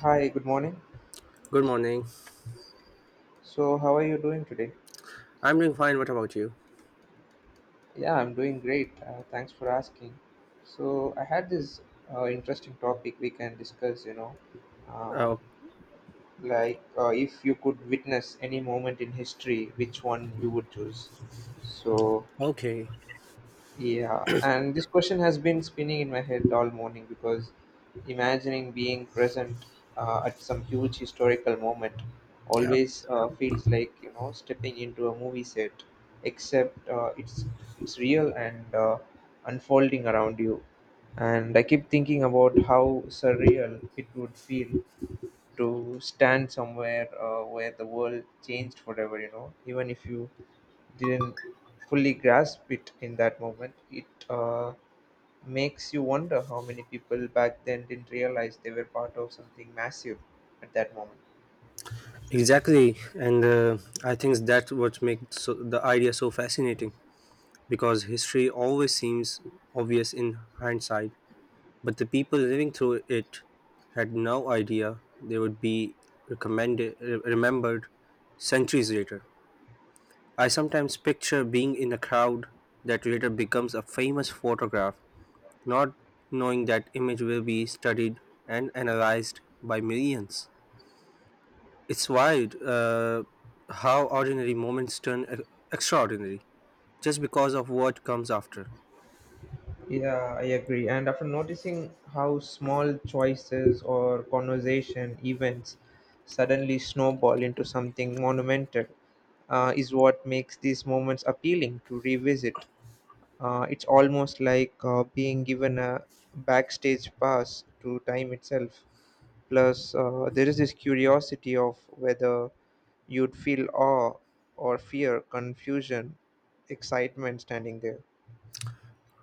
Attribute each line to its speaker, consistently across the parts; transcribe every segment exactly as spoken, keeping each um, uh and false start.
Speaker 1: Hi, good morning.
Speaker 2: Good morning.
Speaker 1: So, how are you doing today?
Speaker 2: I'm doing fine. What about you?
Speaker 1: Yeah, I'm doing great. Uh, thanks for asking. So, I had this uh, interesting topic we can discuss, you know, uh,
Speaker 2: Oh,
Speaker 1: like uh, if you could witness any moment in history, which one you would choose. So,
Speaker 2: okay.
Speaker 1: Yeah, and this question has been spinning in my head all morning because imagining being present uh, at some huge historical moment
Speaker 2: Yeah,
Speaker 1: always uh, feels like you know stepping into a movie set, except uh, it's it's real and uh, unfolding around you. And I keep thinking about how surreal it would feel to stand somewhere uh, where the world changed forever. You know, even if you didn't fully grasp it in that moment. It uh, makes you wonder how many people back then didn't realize they were part of something massive at that moment.
Speaker 2: exactly. And uh, I think that's what makes so, the idea so fascinating because history always seems obvious in hindsight, but the people living through it had no idea they would be recommended, re- remembered centuries later. I sometimes picture being in a crowd that later becomes a famous photograph, not knowing that image will be studied and analyzed by millions. It's wild uh, how ordinary moments turn e- extraordinary just because of what comes after.
Speaker 1: Yeah, I agree. And after noticing how small choices or conversation events suddenly snowball into something monumental uh, is what makes these moments appealing to revisit. Uh, it's almost like uh, being given a backstage pass to time itself. Plus, uh, there is this curiosity of whether you'd feel awe or fear, confusion, excitement standing there.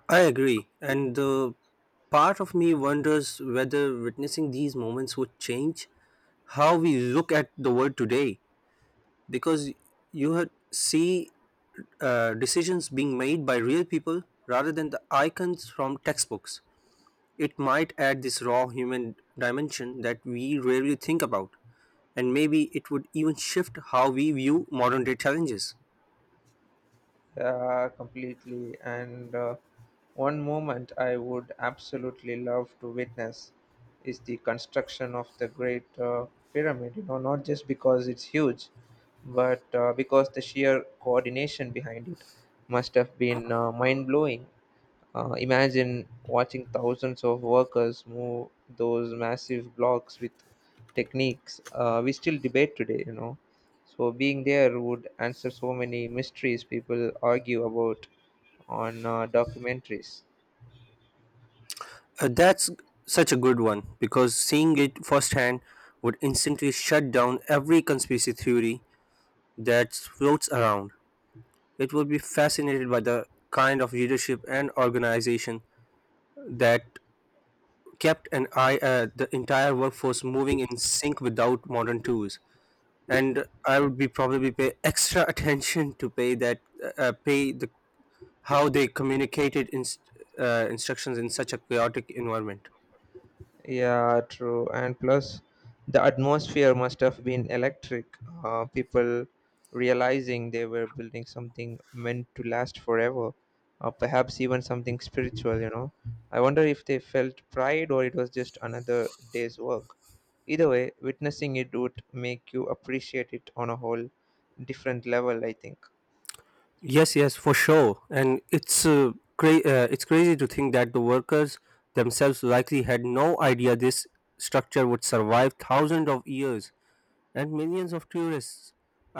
Speaker 2: I agree, and the part of me wonders whether witnessing these moments would change how we look at the world today because you had see uh, decisions being made by real people rather than the icons from textbooks. It might add this raw human dimension that we rarely think about, and maybe it would even shift how we view modern day challenges.
Speaker 1: Yeah, completely. And uh, one moment I would absolutely love to witness is the construction of the Great uh, Pyramid. You know, not just because it's huge, but uh, because the sheer coordination behind it must have been uh, mind blowing. Uh, imagine watching thousands of workers move those massive blocks with techniques uh, we still debate today, you know. So, being there would answer so many mysteries people argue about on uh, documentaries.
Speaker 2: Uh, that's such a good one because seeing it firsthand would instantly shut down every conspiracy theory that floats around. It would be fascinated by the kind of leadership and organization that kept an eye uh, the entire workforce moving in sync without modern tools, and I would be probably pay extra attention to pay that uh, pay the how they communicated inst- uh, instructions in such a chaotic environment.
Speaker 1: Yeah, true. And plus, the atmosphere must have been electric. Uh, people realizing they were building something meant to last forever, or perhaps even something spiritual, you know. I wonder if they felt pride or it was just another day's work. Either way, witnessing it would make you appreciate it on a whole different level, I think.
Speaker 2: Yes, yes, for sure. And it's uh, cra- uh, it's crazy to think that the workers themselves likely had no idea this structure would survive thousands of years and millions of tourists.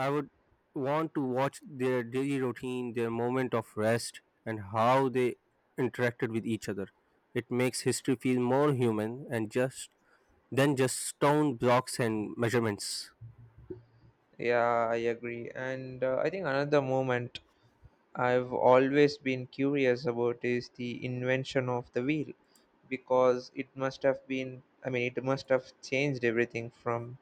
Speaker 2: I would want to watch their daily routine, their moment of rest, and how they interacted with each other. It makes history feel more human and just than just stone blocks and measurements.
Speaker 1: Yeah, I agree. And uh, I think another moment I've always been curious about is the invention of the wheel because it must have been, I mean, it must have changed everything from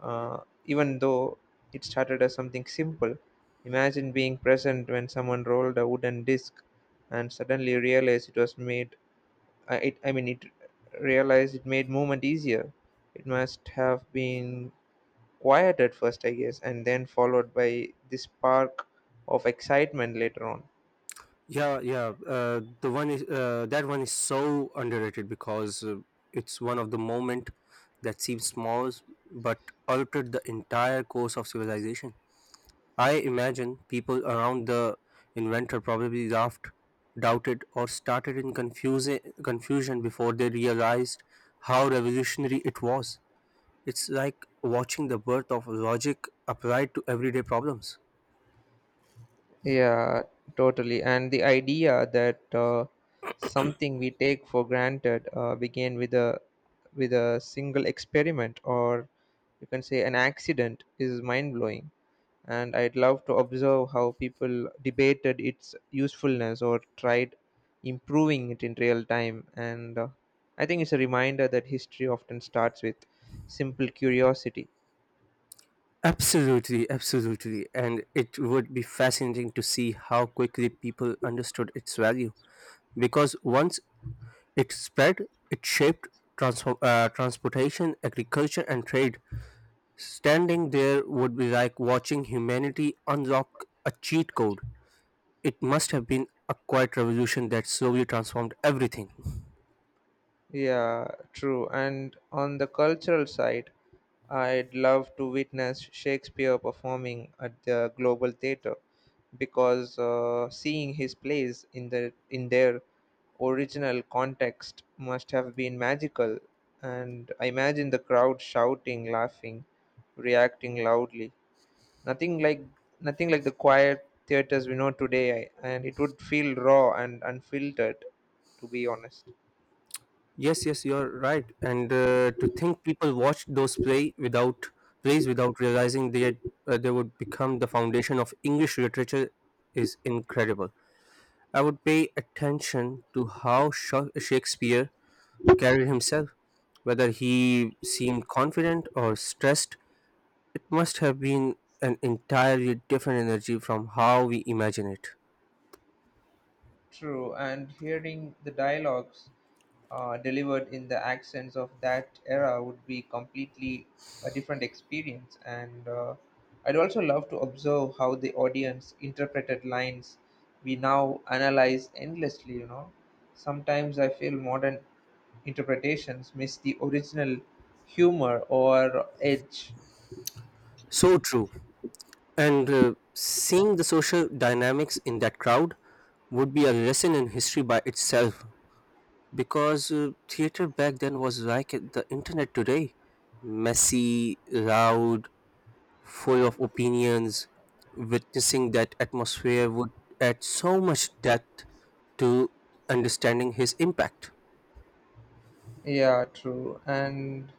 Speaker 1: uh, even though it started as something simple. Imagine being present when someone rolled a wooden disc and suddenly realized it was made, I, it, I mean, it realized it made movement easier. It must have been quiet at first, I guess, and then followed by this spark of excitement later on.
Speaker 2: Yeah, yeah. Uh, the one is uh, That one is so underrated because uh, it's one of the moment that seems small but altered the entire course of civilization. I imagine people around the inventor probably laughed, doubted, or started in confuse- confusion before they realized how revolutionary it was. It's like watching the birth of logic applied to everyday problems.
Speaker 1: Yeah, totally. And the idea that uh, something we take for granted uh, began with a with a single experiment, or you can say an accident, is mind blowing. And I'd love to observe how people debated its usefulness or tried improving it in real time. And uh, I think it's a reminder that history often starts with simple curiosity.
Speaker 2: Absolutely, absolutely. And it would be fascinating to see how quickly people understood its value. Because once it spread, it shaped transform, uh, transportation, agriculture, and trade. Standing there would be like watching humanity unlock a cheat code. It must have been a quiet revolution that slowly transformed everything.
Speaker 1: Yeah, true. And on the cultural side, I'd love to witness Shakespeare performing at the Global Theatre because uh, seeing his plays in the in their original context must have been magical. And I imagine the crowd shouting, laughing, reacting loudly. Nothing like nothing like the quiet theaters we know today, and it would feel raw and unfiltered, to be honest.
Speaker 2: Yes, yes, you're right. And uh, to think people watched those play without plays without realizing they had, uh, they would become the foundation of English literature is incredible. I would pay attention to how Sha- Shakespeare carried himself, whether he seemed confident or stressed must have been an entirely different energy from how we imagine it.
Speaker 1: True, and hearing the dialogues uh, delivered in the accents of that era would be completely a different experience. And uh, I'd also love to observe how the audience interpreted lines we now analyze endlessly, you know. Sometimes I feel modern interpretations miss the original humor or edge.
Speaker 2: So true. And uh, seeing the social dynamics in that crowd would be a lesson in history by itself because uh, theater back then was like the internet today, messy, loud, full of opinions. Witnessing that atmosphere would add so much depth to understanding his impact.
Speaker 1: Yeah, true. And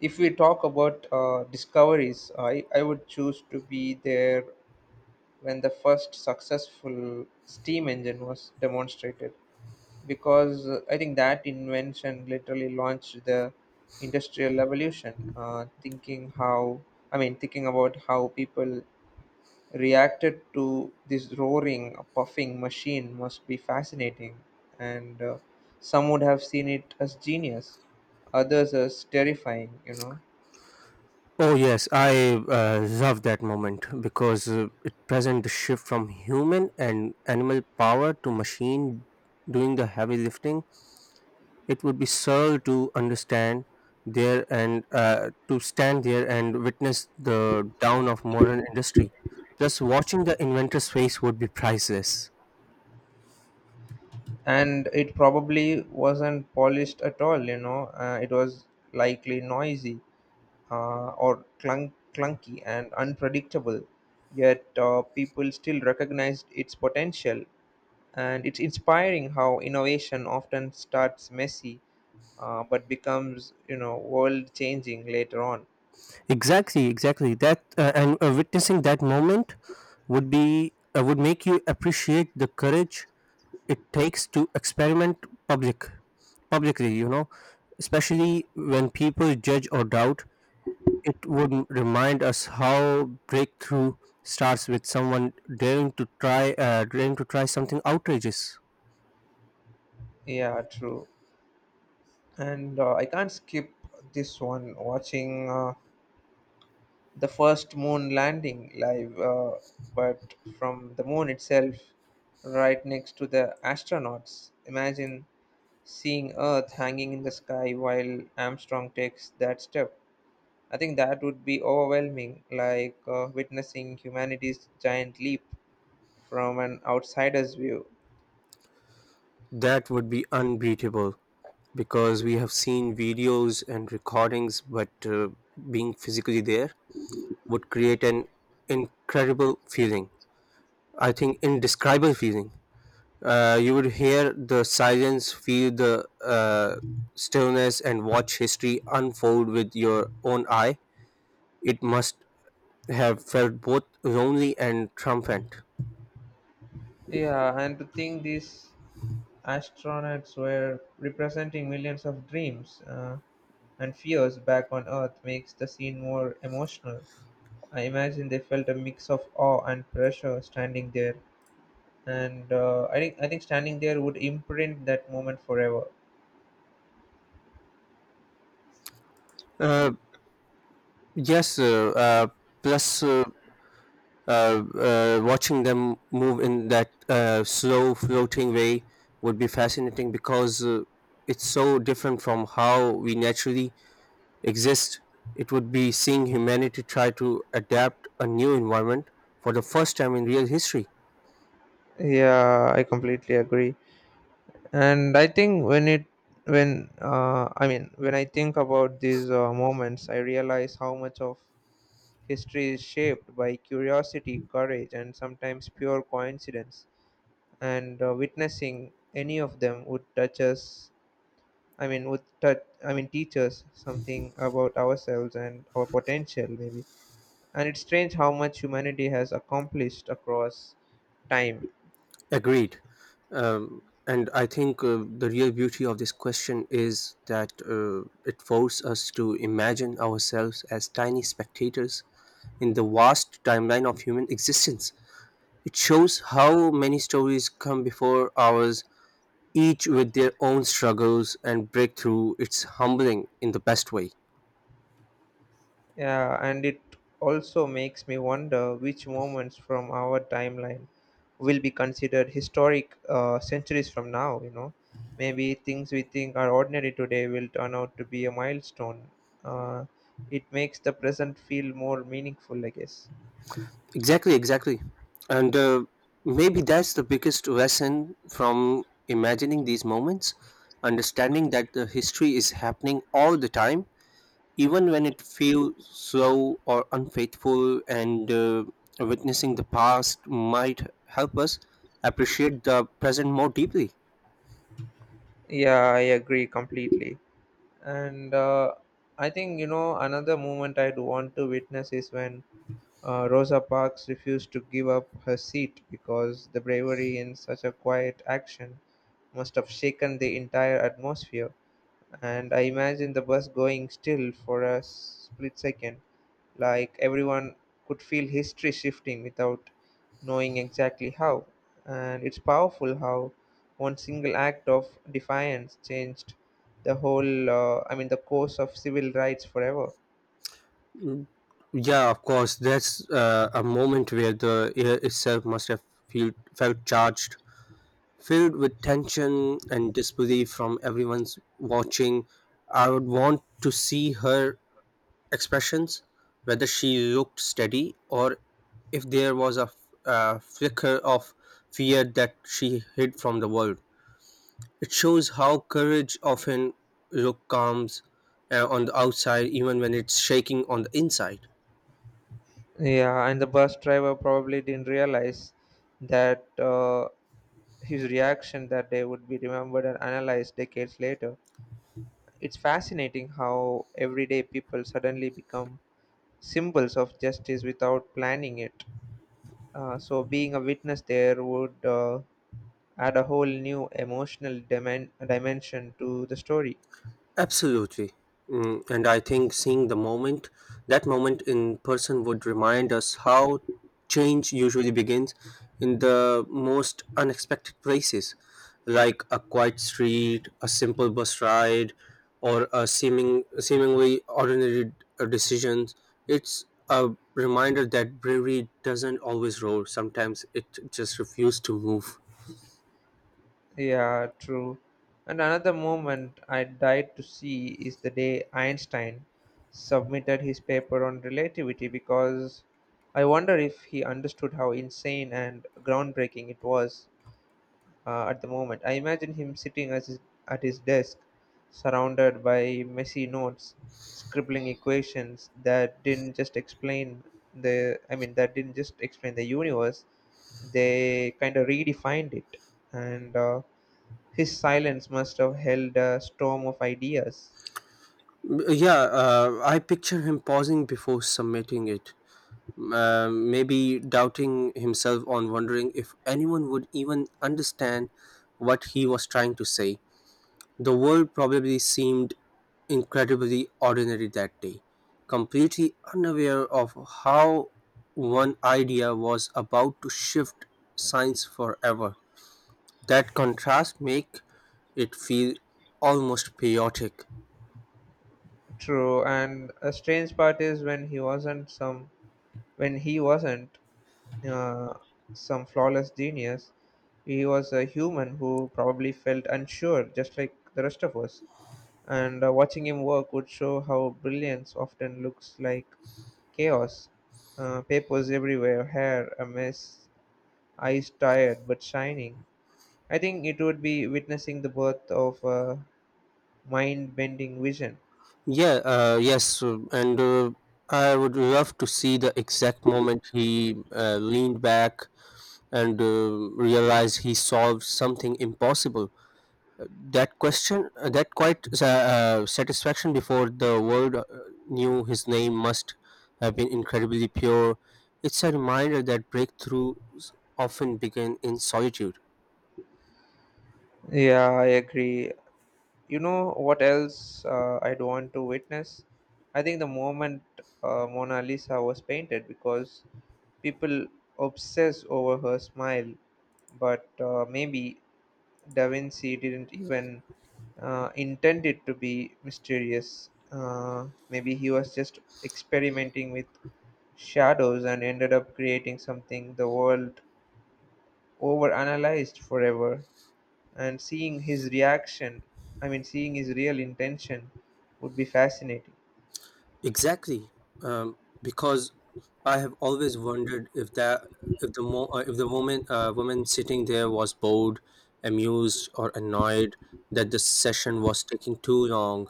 Speaker 1: if we talk about uh, discoveries, I, I would choose to be there when the first successful steam engine was demonstrated because uh, I think that invention literally launched the industrial revolution. Uh, thinking how, I mean, thinking about how people reacted to this roaring, puffing machine must be fascinating, and uh, some would have seen it as genius, others as terrifying, you know.
Speaker 2: Oh yes, I uh, love that moment because uh, it presents the shift from human and animal power to machine doing the heavy lifting. It would be surreal to understand there and uh, to stand there and witness the down of modern industry. Plus, watching the inventor's face would be priceless.
Speaker 1: And it probably wasn't polished at all, you know, uh, it was likely noisy uh, or clunk, clunky and unpredictable, yet uh, people still recognized its potential. And it's inspiring how innovation often starts messy, uh, but becomes, you know, world changing later on.
Speaker 2: Exactly, exactly. That uh, and uh, Witnessing that moment would be uh, would make you appreciate the courage it takes to experiment public publicly you know especially when people judge or doubt. It would m- remind us how breakthrough starts with someone daring to try uh, daring to try something outrageous.
Speaker 1: Yeah, true. And uh, I can't skip this one, watching uh, the first moon landing live, uh, but from the moon itself, right next to the astronauts. Imagine seeing Earth hanging in the sky while Armstrong takes that step. I think that would be overwhelming, like uh, witnessing humanity's giant leap from an outsider's view.
Speaker 2: That would be unbeatable because we have seen videos and recordings, but uh, being physically there would create an incredible feeling, I think, indescribable feeling. Uh, you would hear the silence, feel the uh, stillness, and watch history unfold with your own eye. It must have felt both lonely and triumphant.
Speaker 1: Yeah, and to think these astronauts were representing millions of dreams uh, and fears back on Earth makes the scene more emotional. I imagine they felt a mix of awe and pressure standing there, and uh, I think I think standing there would imprint that moment forever.
Speaker 2: Uh, yes, uh, uh, plus uh, uh, uh, watching them move in that uh, slow floating way would be fascinating because uh, it's so different from how we naturally exist. It would be seeing humanity try to adapt a new environment for the first time in real history.
Speaker 1: Yeah, I completely agree. And I think when it when uh, I mean when I think about these uh, moments, I realize how much of history is shaped by curiosity, courage, and sometimes pure coincidence. And uh, witnessing any of them would touch us I mean would touch I mean teach us something about ourselves and our potential, maybe. And it's strange how much humanity has accomplished across time.
Speaker 2: Agreed. Um, and I think uh, the real beauty of this question is that uh, it forces us to imagine ourselves as tiny spectators in the vast timeline of human existence. It shows how many stories come before ours, each with their own struggles and breakthrough. It's humbling in the best way.
Speaker 1: Yeah, and it also makes me wonder which moments from our timeline will be considered historic uh, centuries from now, you know. Maybe things we think are ordinary today will turn out to be a milestone. Uh, it makes the present feel more meaningful, I guess.
Speaker 2: Exactly, exactly. And uh, maybe that's the biggest lesson from imagining these moments: understanding that the history is happening all the time, even when it feels slow or unfaithful, and uh, witnessing the past might help us appreciate the present more deeply.
Speaker 1: Yeah, I agree completely. And uh, I think, you know, another moment I'd want to witness is when Uh, Rosa Parks refused to give up her seat because the bravery in such a quiet action must have shaken the entire atmosphere. And I imagine the bus going still for a split second, like everyone could feel history shifting without knowing exactly how. And it's powerful how one single act of defiance changed the whole, uh, I mean, the course of civil rights forever.
Speaker 2: Yeah, of course, that's uh, a moment where the air itself must have feel, felt charged, filled with tension and disbelief from everyone's watching. I would want to see her expressions, whether she looked steady or if there was a, f- a flicker of fear that she hid from the world. It shows how courage often looks calm uh, on the outside, even when it's shaking on the inside.
Speaker 1: Yeah, and the bus driver probably didn't realize that uh, his reaction that day would be remembered and analyzed decades later. It's fascinating how everyday people suddenly become symbols of justice without planning it. Uh, so, being a witness there would uh, add a whole new emotional dimen- dimension to the story.
Speaker 2: Absolutely. Mm, and I think seeing the moment, that moment in person would remind us how change usually begins in the most unexpected places, like a quiet street, a simple bus ride, or a seeming, seemingly ordinary uh, decisions. It's a reminder that bravery doesn't always roar, sometimes it just refuses to move.
Speaker 1: Yeah, true. And another moment I died to see is the day Einstein submitted his paper on relativity, because I wonder if he understood how insane and groundbreaking it was uh, at the moment. I imagine him sitting as his, at his desk, surrounded by messy notes, scribbling equations that didn't just explain the I mean that didn't just explain the universe, they kind of redefined it, and uh, his silence must have held a storm of ideas.
Speaker 2: Yeah, uh, I picture him pausing before submitting it, uh, maybe doubting himself on wondering if anyone would even understand what he was trying to say. The world probably seemed incredibly ordinary that day, completely unaware of how one idea was about to shift science forever. That contrast make it feel almost chaotic.
Speaker 1: True, and a strange part is when he wasn't some when he wasn't uh, some flawless genius, he was a human who probably felt unsure, just like the rest of us. And uh, watching him work would show how brilliance often looks like chaos. Uh, papers everywhere, hair a mess, eyes tired but shining. I think it would be witnessing the birth of a mind bending vision.
Speaker 2: Yeah, uh, yes, uh, and uh, I would love to see the exact moment he uh, leaned back and uh, realized he solved something impossible. That question, uh, that quite sa- uh, satisfaction before the world uh, knew his name must have been incredibly pure. It's a reminder that breakthroughs often begin in solitude.
Speaker 1: Yeah, I agree. You know what else uh, I'd want to witness? I think the moment uh, Mona Lisa was painted, because people obsess over her smile, but uh, maybe Da Vinci didn't even uh, intend it to be mysterious. Uh, maybe he was just experimenting with shadows and ended up creating something the world overanalyzed forever. And seeing his reaction I mean seeing his real intention would be fascinating.
Speaker 2: Exactly, um, because I have always wondered if that if the mo- uh, if the moment uh, woman sitting there was bored, amused, or annoyed that the session was taking too long.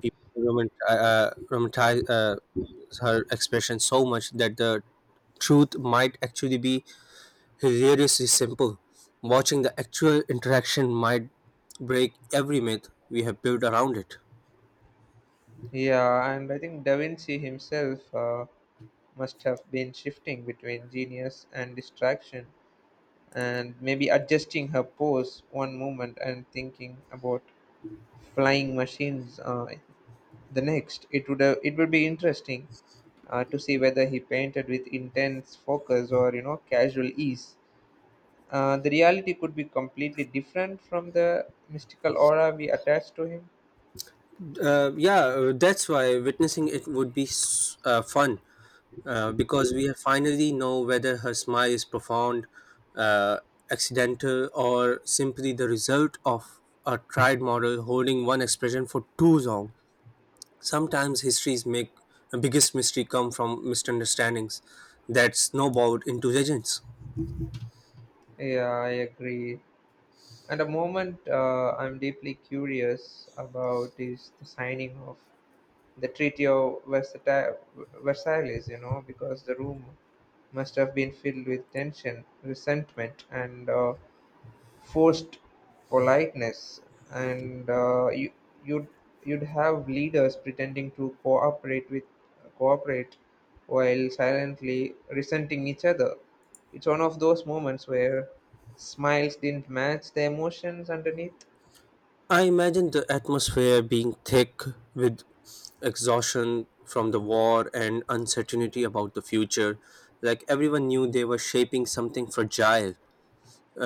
Speaker 2: People romant- uh, romanticize uh, her expression so much that the truth might actually be hilariously simple. Watching the actual interaction might break every myth we have built around it.
Speaker 1: Yeah, and I think Da Vinci himself uh, must have been shifting between genius and distraction, and maybe adjusting her pose one moment and thinking about flying machines uh, the next. It would have, it would be interesting uh, to see whether he painted with intense focus or, you know, casual ease. Uh, the reality could be completely different from the mystical aura we attach to him.
Speaker 2: Uh, yeah, uh, that's why witnessing it would be s- uh, fun uh, because we finally know whether her smile is profound, uh, accidental, or simply the result of a tried model holding one expression for too long. Sometimes histories make the biggest mystery come from misunderstandings that snowballed into legends.
Speaker 1: Yeah, I agree. And the moment uh, I'm deeply curious about is the signing of the Treaty of Versata- Versailles, you know, because the room must have been filled with tension, resentment, and uh, forced politeness, and uh, you, you'd you'd have leaders pretending to cooperate with cooperate while silently resenting each other. It's one of those moments where smiles didn't match the emotions underneath.
Speaker 2: I imagine the atmosphere being thick with exhaustion from the war and uncertainty about the future, like everyone knew they were shaping something fragile.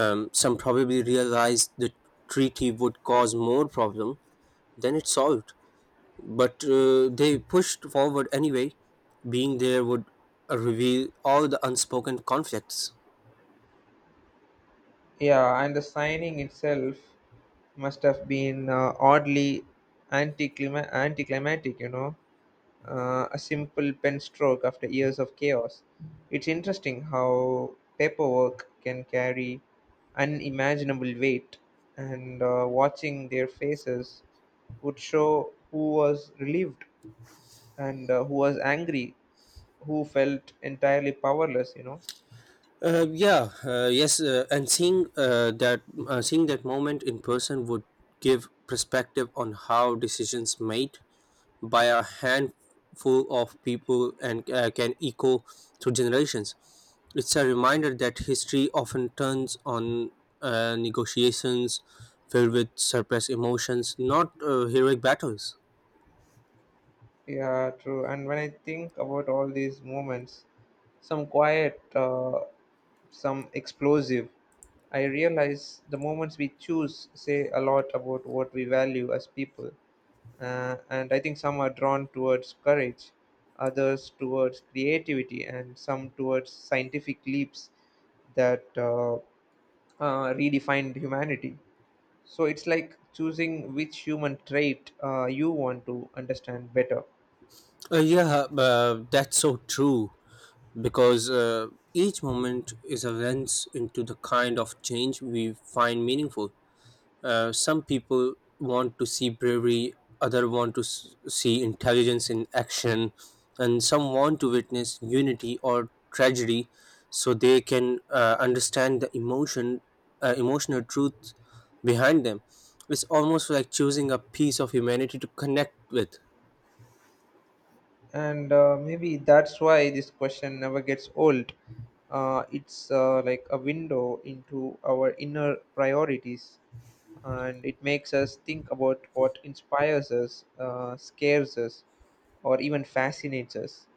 Speaker 2: Um, some probably realized the treaty would cause more problem than it solved, but uh, they pushed forward anyway. Being there would uh, reveal all the unspoken conflicts.
Speaker 1: Yeah, and the signing itself must have been uh, oddly anticlima- anticlimactic, you know, uh, a simple pen stroke after years of chaos. It's interesting how paperwork can carry unimaginable weight, and uh, watching their faces would show who was relieved and uh, who was angry, who felt entirely powerless, you know.
Speaker 2: Uh, yeah, uh, yes, uh, and seeing uh, that uh, seeing that moment in person would give perspective on how decisions made by a handful of people and uh, can echo through generations. It's a reminder that history often turns on uh, negotiations filled with suppressed emotions, not uh, heroic battles.
Speaker 1: Yeah, true. And when I think about all these moments, some quiet, uh, some explosive, I realize the moments we choose say a lot about what we value as people. Uh, and I think some are drawn towards courage, others towards creativity, and some towards scientific leaps that uh, uh, redefined humanity. So it's like choosing which human trait uh, you want to understand better.
Speaker 2: Uh, yeah, uh, that's so true because uh, each moment is a lens into the kind of change we find meaningful. Uh, some people want to see bravery, other want to s- see intelligence in action, and some want to witness unity or tragedy, so they can uh, understand the emotion, uh, emotional truth behind them. It's almost like choosing a piece of humanity to connect with.
Speaker 1: And uh, maybe that's why this question never gets old. Uh, it's uh, like a window into our inner priorities, and it makes us think about what inspires us, uh, scares us, or even fascinates us.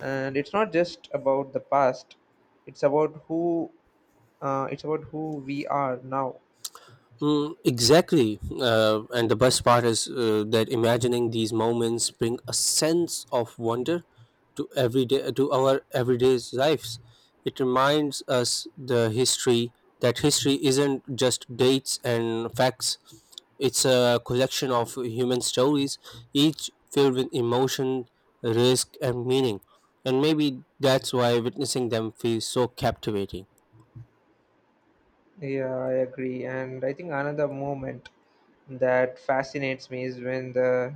Speaker 1: And it's not just about the past, it's about who uh, it's about who we are now.
Speaker 2: Mm, exactly. Uh, and the best part is uh, that imagining these moments bring a sense of wonder to everyday to our everyday lives. It reminds us the history that history isn't just dates and facts. It's a collection of human stories, each filled with emotion, risk, and meaning. And maybe that's why witnessing them feels so captivating.
Speaker 1: Yeah, I agree. And I think another moment that fascinates me is when the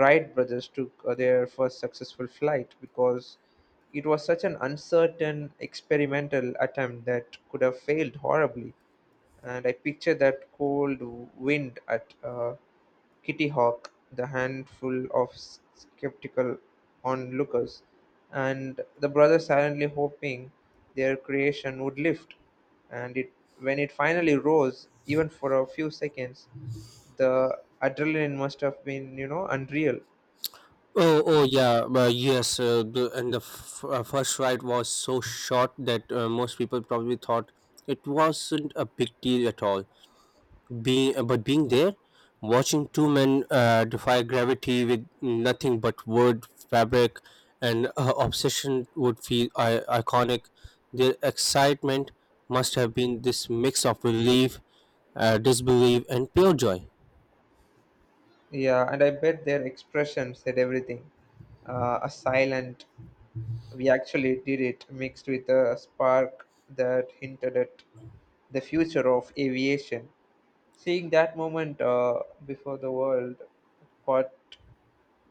Speaker 1: Wright brothers took uh, their first successful flight, because it was such an uncertain experimental attempt that could have failed horribly. And I picture that cold wind at uh, Kitty Hawk, the handful of s- skeptical onlookers, and the brothers silently hoping their creation would lift. And it, when it finally rose, even for a few seconds, the adrenaline must have been, you know, unreal.
Speaker 2: Oh, oh yeah, but yes, uh, the, and the f- uh, first ride was so short that uh, most people probably thought it wasn't a big deal at all. Being, uh, but being there, watching two men uh, defy gravity with nothing but wood, fabric, and uh, obsession would feel I- iconic. Their excitement must have been this mix of relief, uh, disbelief, and pure joy.
Speaker 1: Yeah, and I bet their expression said everything. Uh, a silent, we actually did it, mixed with a spark that hinted at the future of aviation. Seeing that moment uh, before the world caught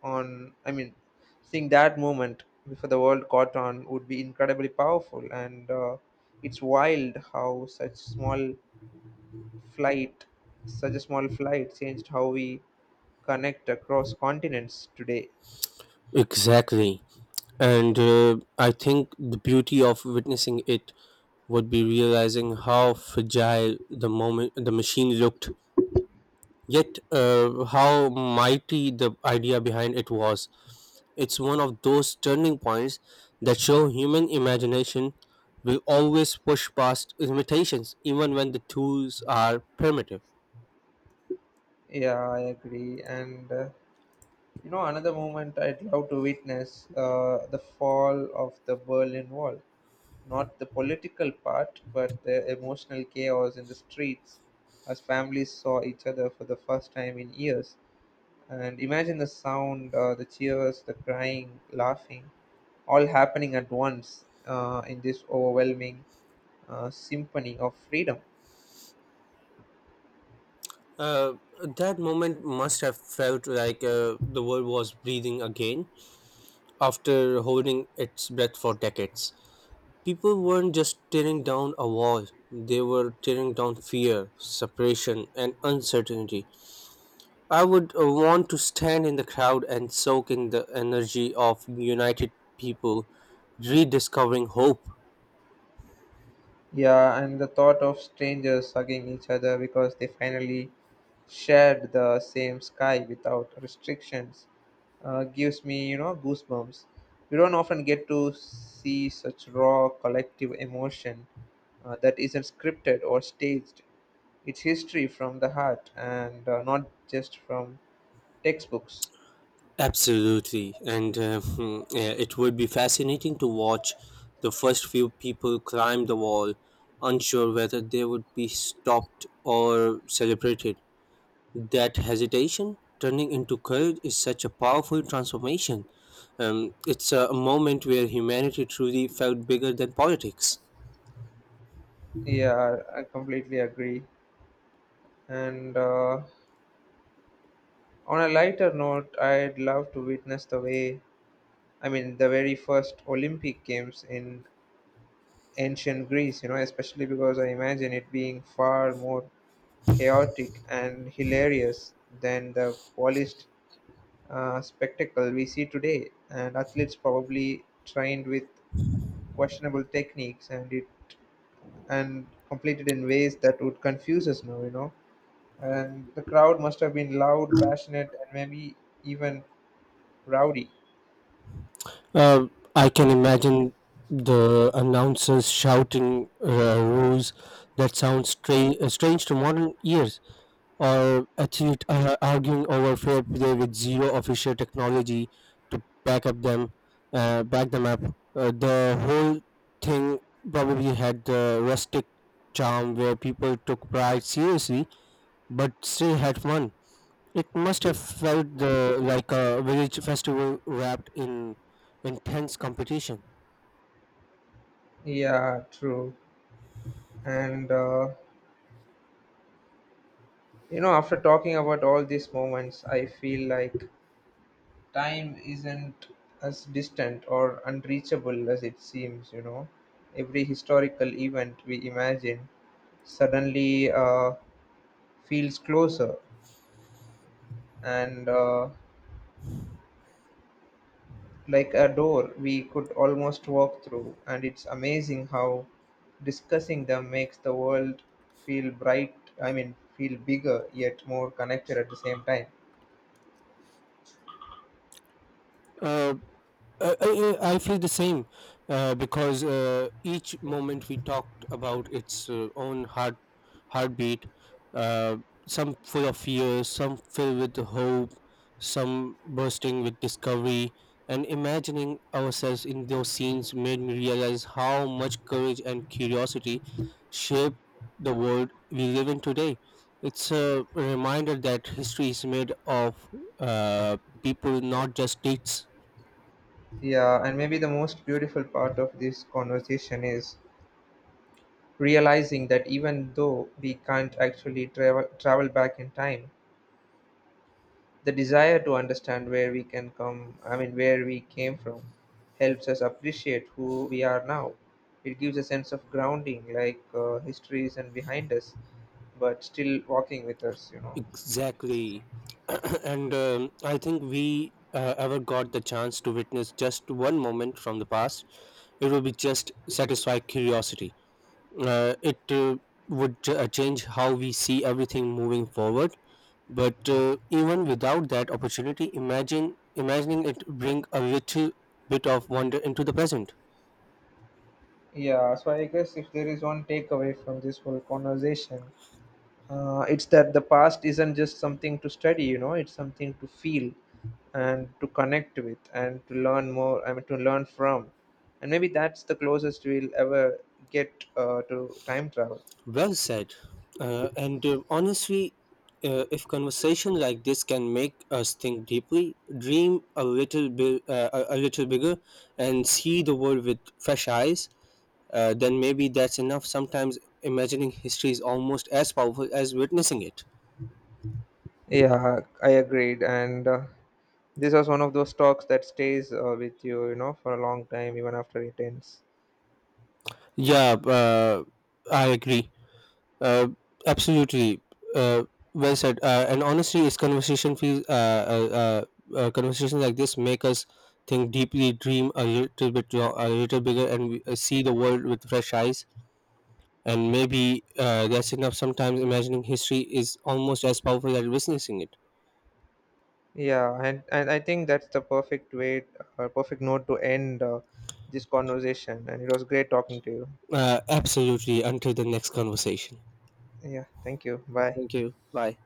Speaker 1: on, I mean, Seeing that moment before the world caught on would be incredibly powerful. And uh, it's wild how such small flight, such a small flight changed how we connect across continents today.
Speaker 2: Exactly. And uh, I think the beauty of witnessing it would be realizing how fragile the moment the machine looked, yet uh, how mighty the idea behind it was. It's one of those turning points that show human imagination will always push past limitations, even when the tools are primitive.
Speaker 1: Yeah, I agree. And uh, you know, another moment I'd love to witness, uh, the fall of the Berlin Wall. Not the political part, but the emotional chaos in the streets as families saw each other for the first time in years. And imagine the sound, uh, the cheers, the crying, laughing, all happening at once uh, in this overwhelming uh, symphony of freedom.
Speaker 2: Uh, that moment must have felt like uh, the world was breathing again after holding its breath for decades. People weren't just tearing down a wall, they were tearing down fear, separation, and uncertainty. I would uh, want to stand in the crowd and soak in the energy of united people rediscovering hope.
Speaker 1: Yeah, and the thought of strangers hugging each other because they finally shared the same sky without restrictions uh, gives me, you know, goosebumps. We don't often get to see such raw collective emotion uh, that isn't scripted or staged. It's history from the heart, and uh, not just from textbooks.
Speaker 2: Absolutely, and uh, hmm, yeah, it would be fascinating to watch the first few people climb the wall, unsure whether they would be stopped or celebrated. That hesitation turning into courage is such a powerful transformation. Um, it's a moment where humanity truly felt bigger than politics.
Speaker 1: Yeah, I completely agree. And uh, On a lighter note, I'd love to witness the way, I mean, the very first Olympic Games in ancient Greece, you know, especially because I imagine it being far more chaotic and hilarious than the polished uh, spectacle we see today. And athletes probably trained with questionable techniques, and it and completed in ways that would confuse us now, you know. And the crowd must have been loud, passionate, and maybe even rowdy.
Speaker 2: Uh, I can imagine the announcers shouting uh, rules that sound stra- uh, strange to modern ears, or athlete uh, arguing over fair play with zero official technology to back up them, uh, back them up. Uh, the whole thing probably had the rustic charm where people took pride seriously but still had fun. It must have felt the, like a village festival wrapped in intense competition.
Speaker 1: Yeah, true. And uh, you know, after talking about all these moments, I feel like time isn't as distant or unreachable as it seems, you know. Every historical event we imagine suddenly uh, feels closer, and uh, like a door we could almost walk through. And it's amazing how discussing them makes the world feel bright, I mean, feel bigger yet more connected at the same time.
Speaker 2: Uh, Uh, I, I I feel the same uh, because uh, each moment we talked about its uh, own heart heartbeat. Uh, some full of fear, some filled with hope, some bursting with discovery. And imagining ourselves in those scenes made me realize how much courage and curiosity shape the world we live in today. It's a reminder that history is made of uh, people, not just dates.
Speaker 1: Yeah, and maybe the most beautiful part of this conversation is realizing that even though we can't actually travel travel back in time, the desire to understand where we can come, I mean where we came from helps us appreciate who we are now. It gives a sense of grounding, like uh, history isn't behind us, but still walking with us, you know.
Speaker 2: Exactly. And um, I think we uh, ever got the chance to witness just one moment from the past, it would be just satisfy curiosity. Uh, it uh, would ch- uh, change how we see everything moving forward. But uh, even without that opportunity, imagine imagining it bring a little bit of wonder into the present.
Speaker 1: Yeah, so I guess if there is one takeaway from this whole conversation, Uh, it's that the past isn't just something to study, you know, it's something to feel and to connect with and to learn more, I mean, to learn from. And maybe that's the closest we'll ever get uh, to time travel.
Speaker 2: Well said. Uh, and uh, honestly, uh, if conversation like this can make us think deeply, dream a little bit, uh, a a little bigger, and see the world with fresh eyes, uh, then maybe that's enough. Sometimes imagining history is almost as powerful as witnessing it.
Speaker 1: Yeah, I agreed. And uh, this was one of those talks that stays uh, with you, you know, for a long time, even after it ends.
Speaker 2: Yeah, uh, I agree. Uh, Absolutely. Uh, well said. Uh, and honestly, it's conversation feels. Uh, uh, uh, uh, Conversations like this make us think deeply, dream a little bit, lo- a little bigger, and we, uh, see the world with fresh eyes. And maybe uh, that's enough. Sometimes imagining history is almost as powerful as witnessing it.
Speaker 1: Yeah, and, and I think that's the perfect way, uh, perfect note to end uh, this conversation. And it was great talking to you.
Speaker 2: Uh, absolutely. Until the next conversation.
Speaker 1: Yeah, thank you. Bye.
Speaker 2: Thank you. Bye.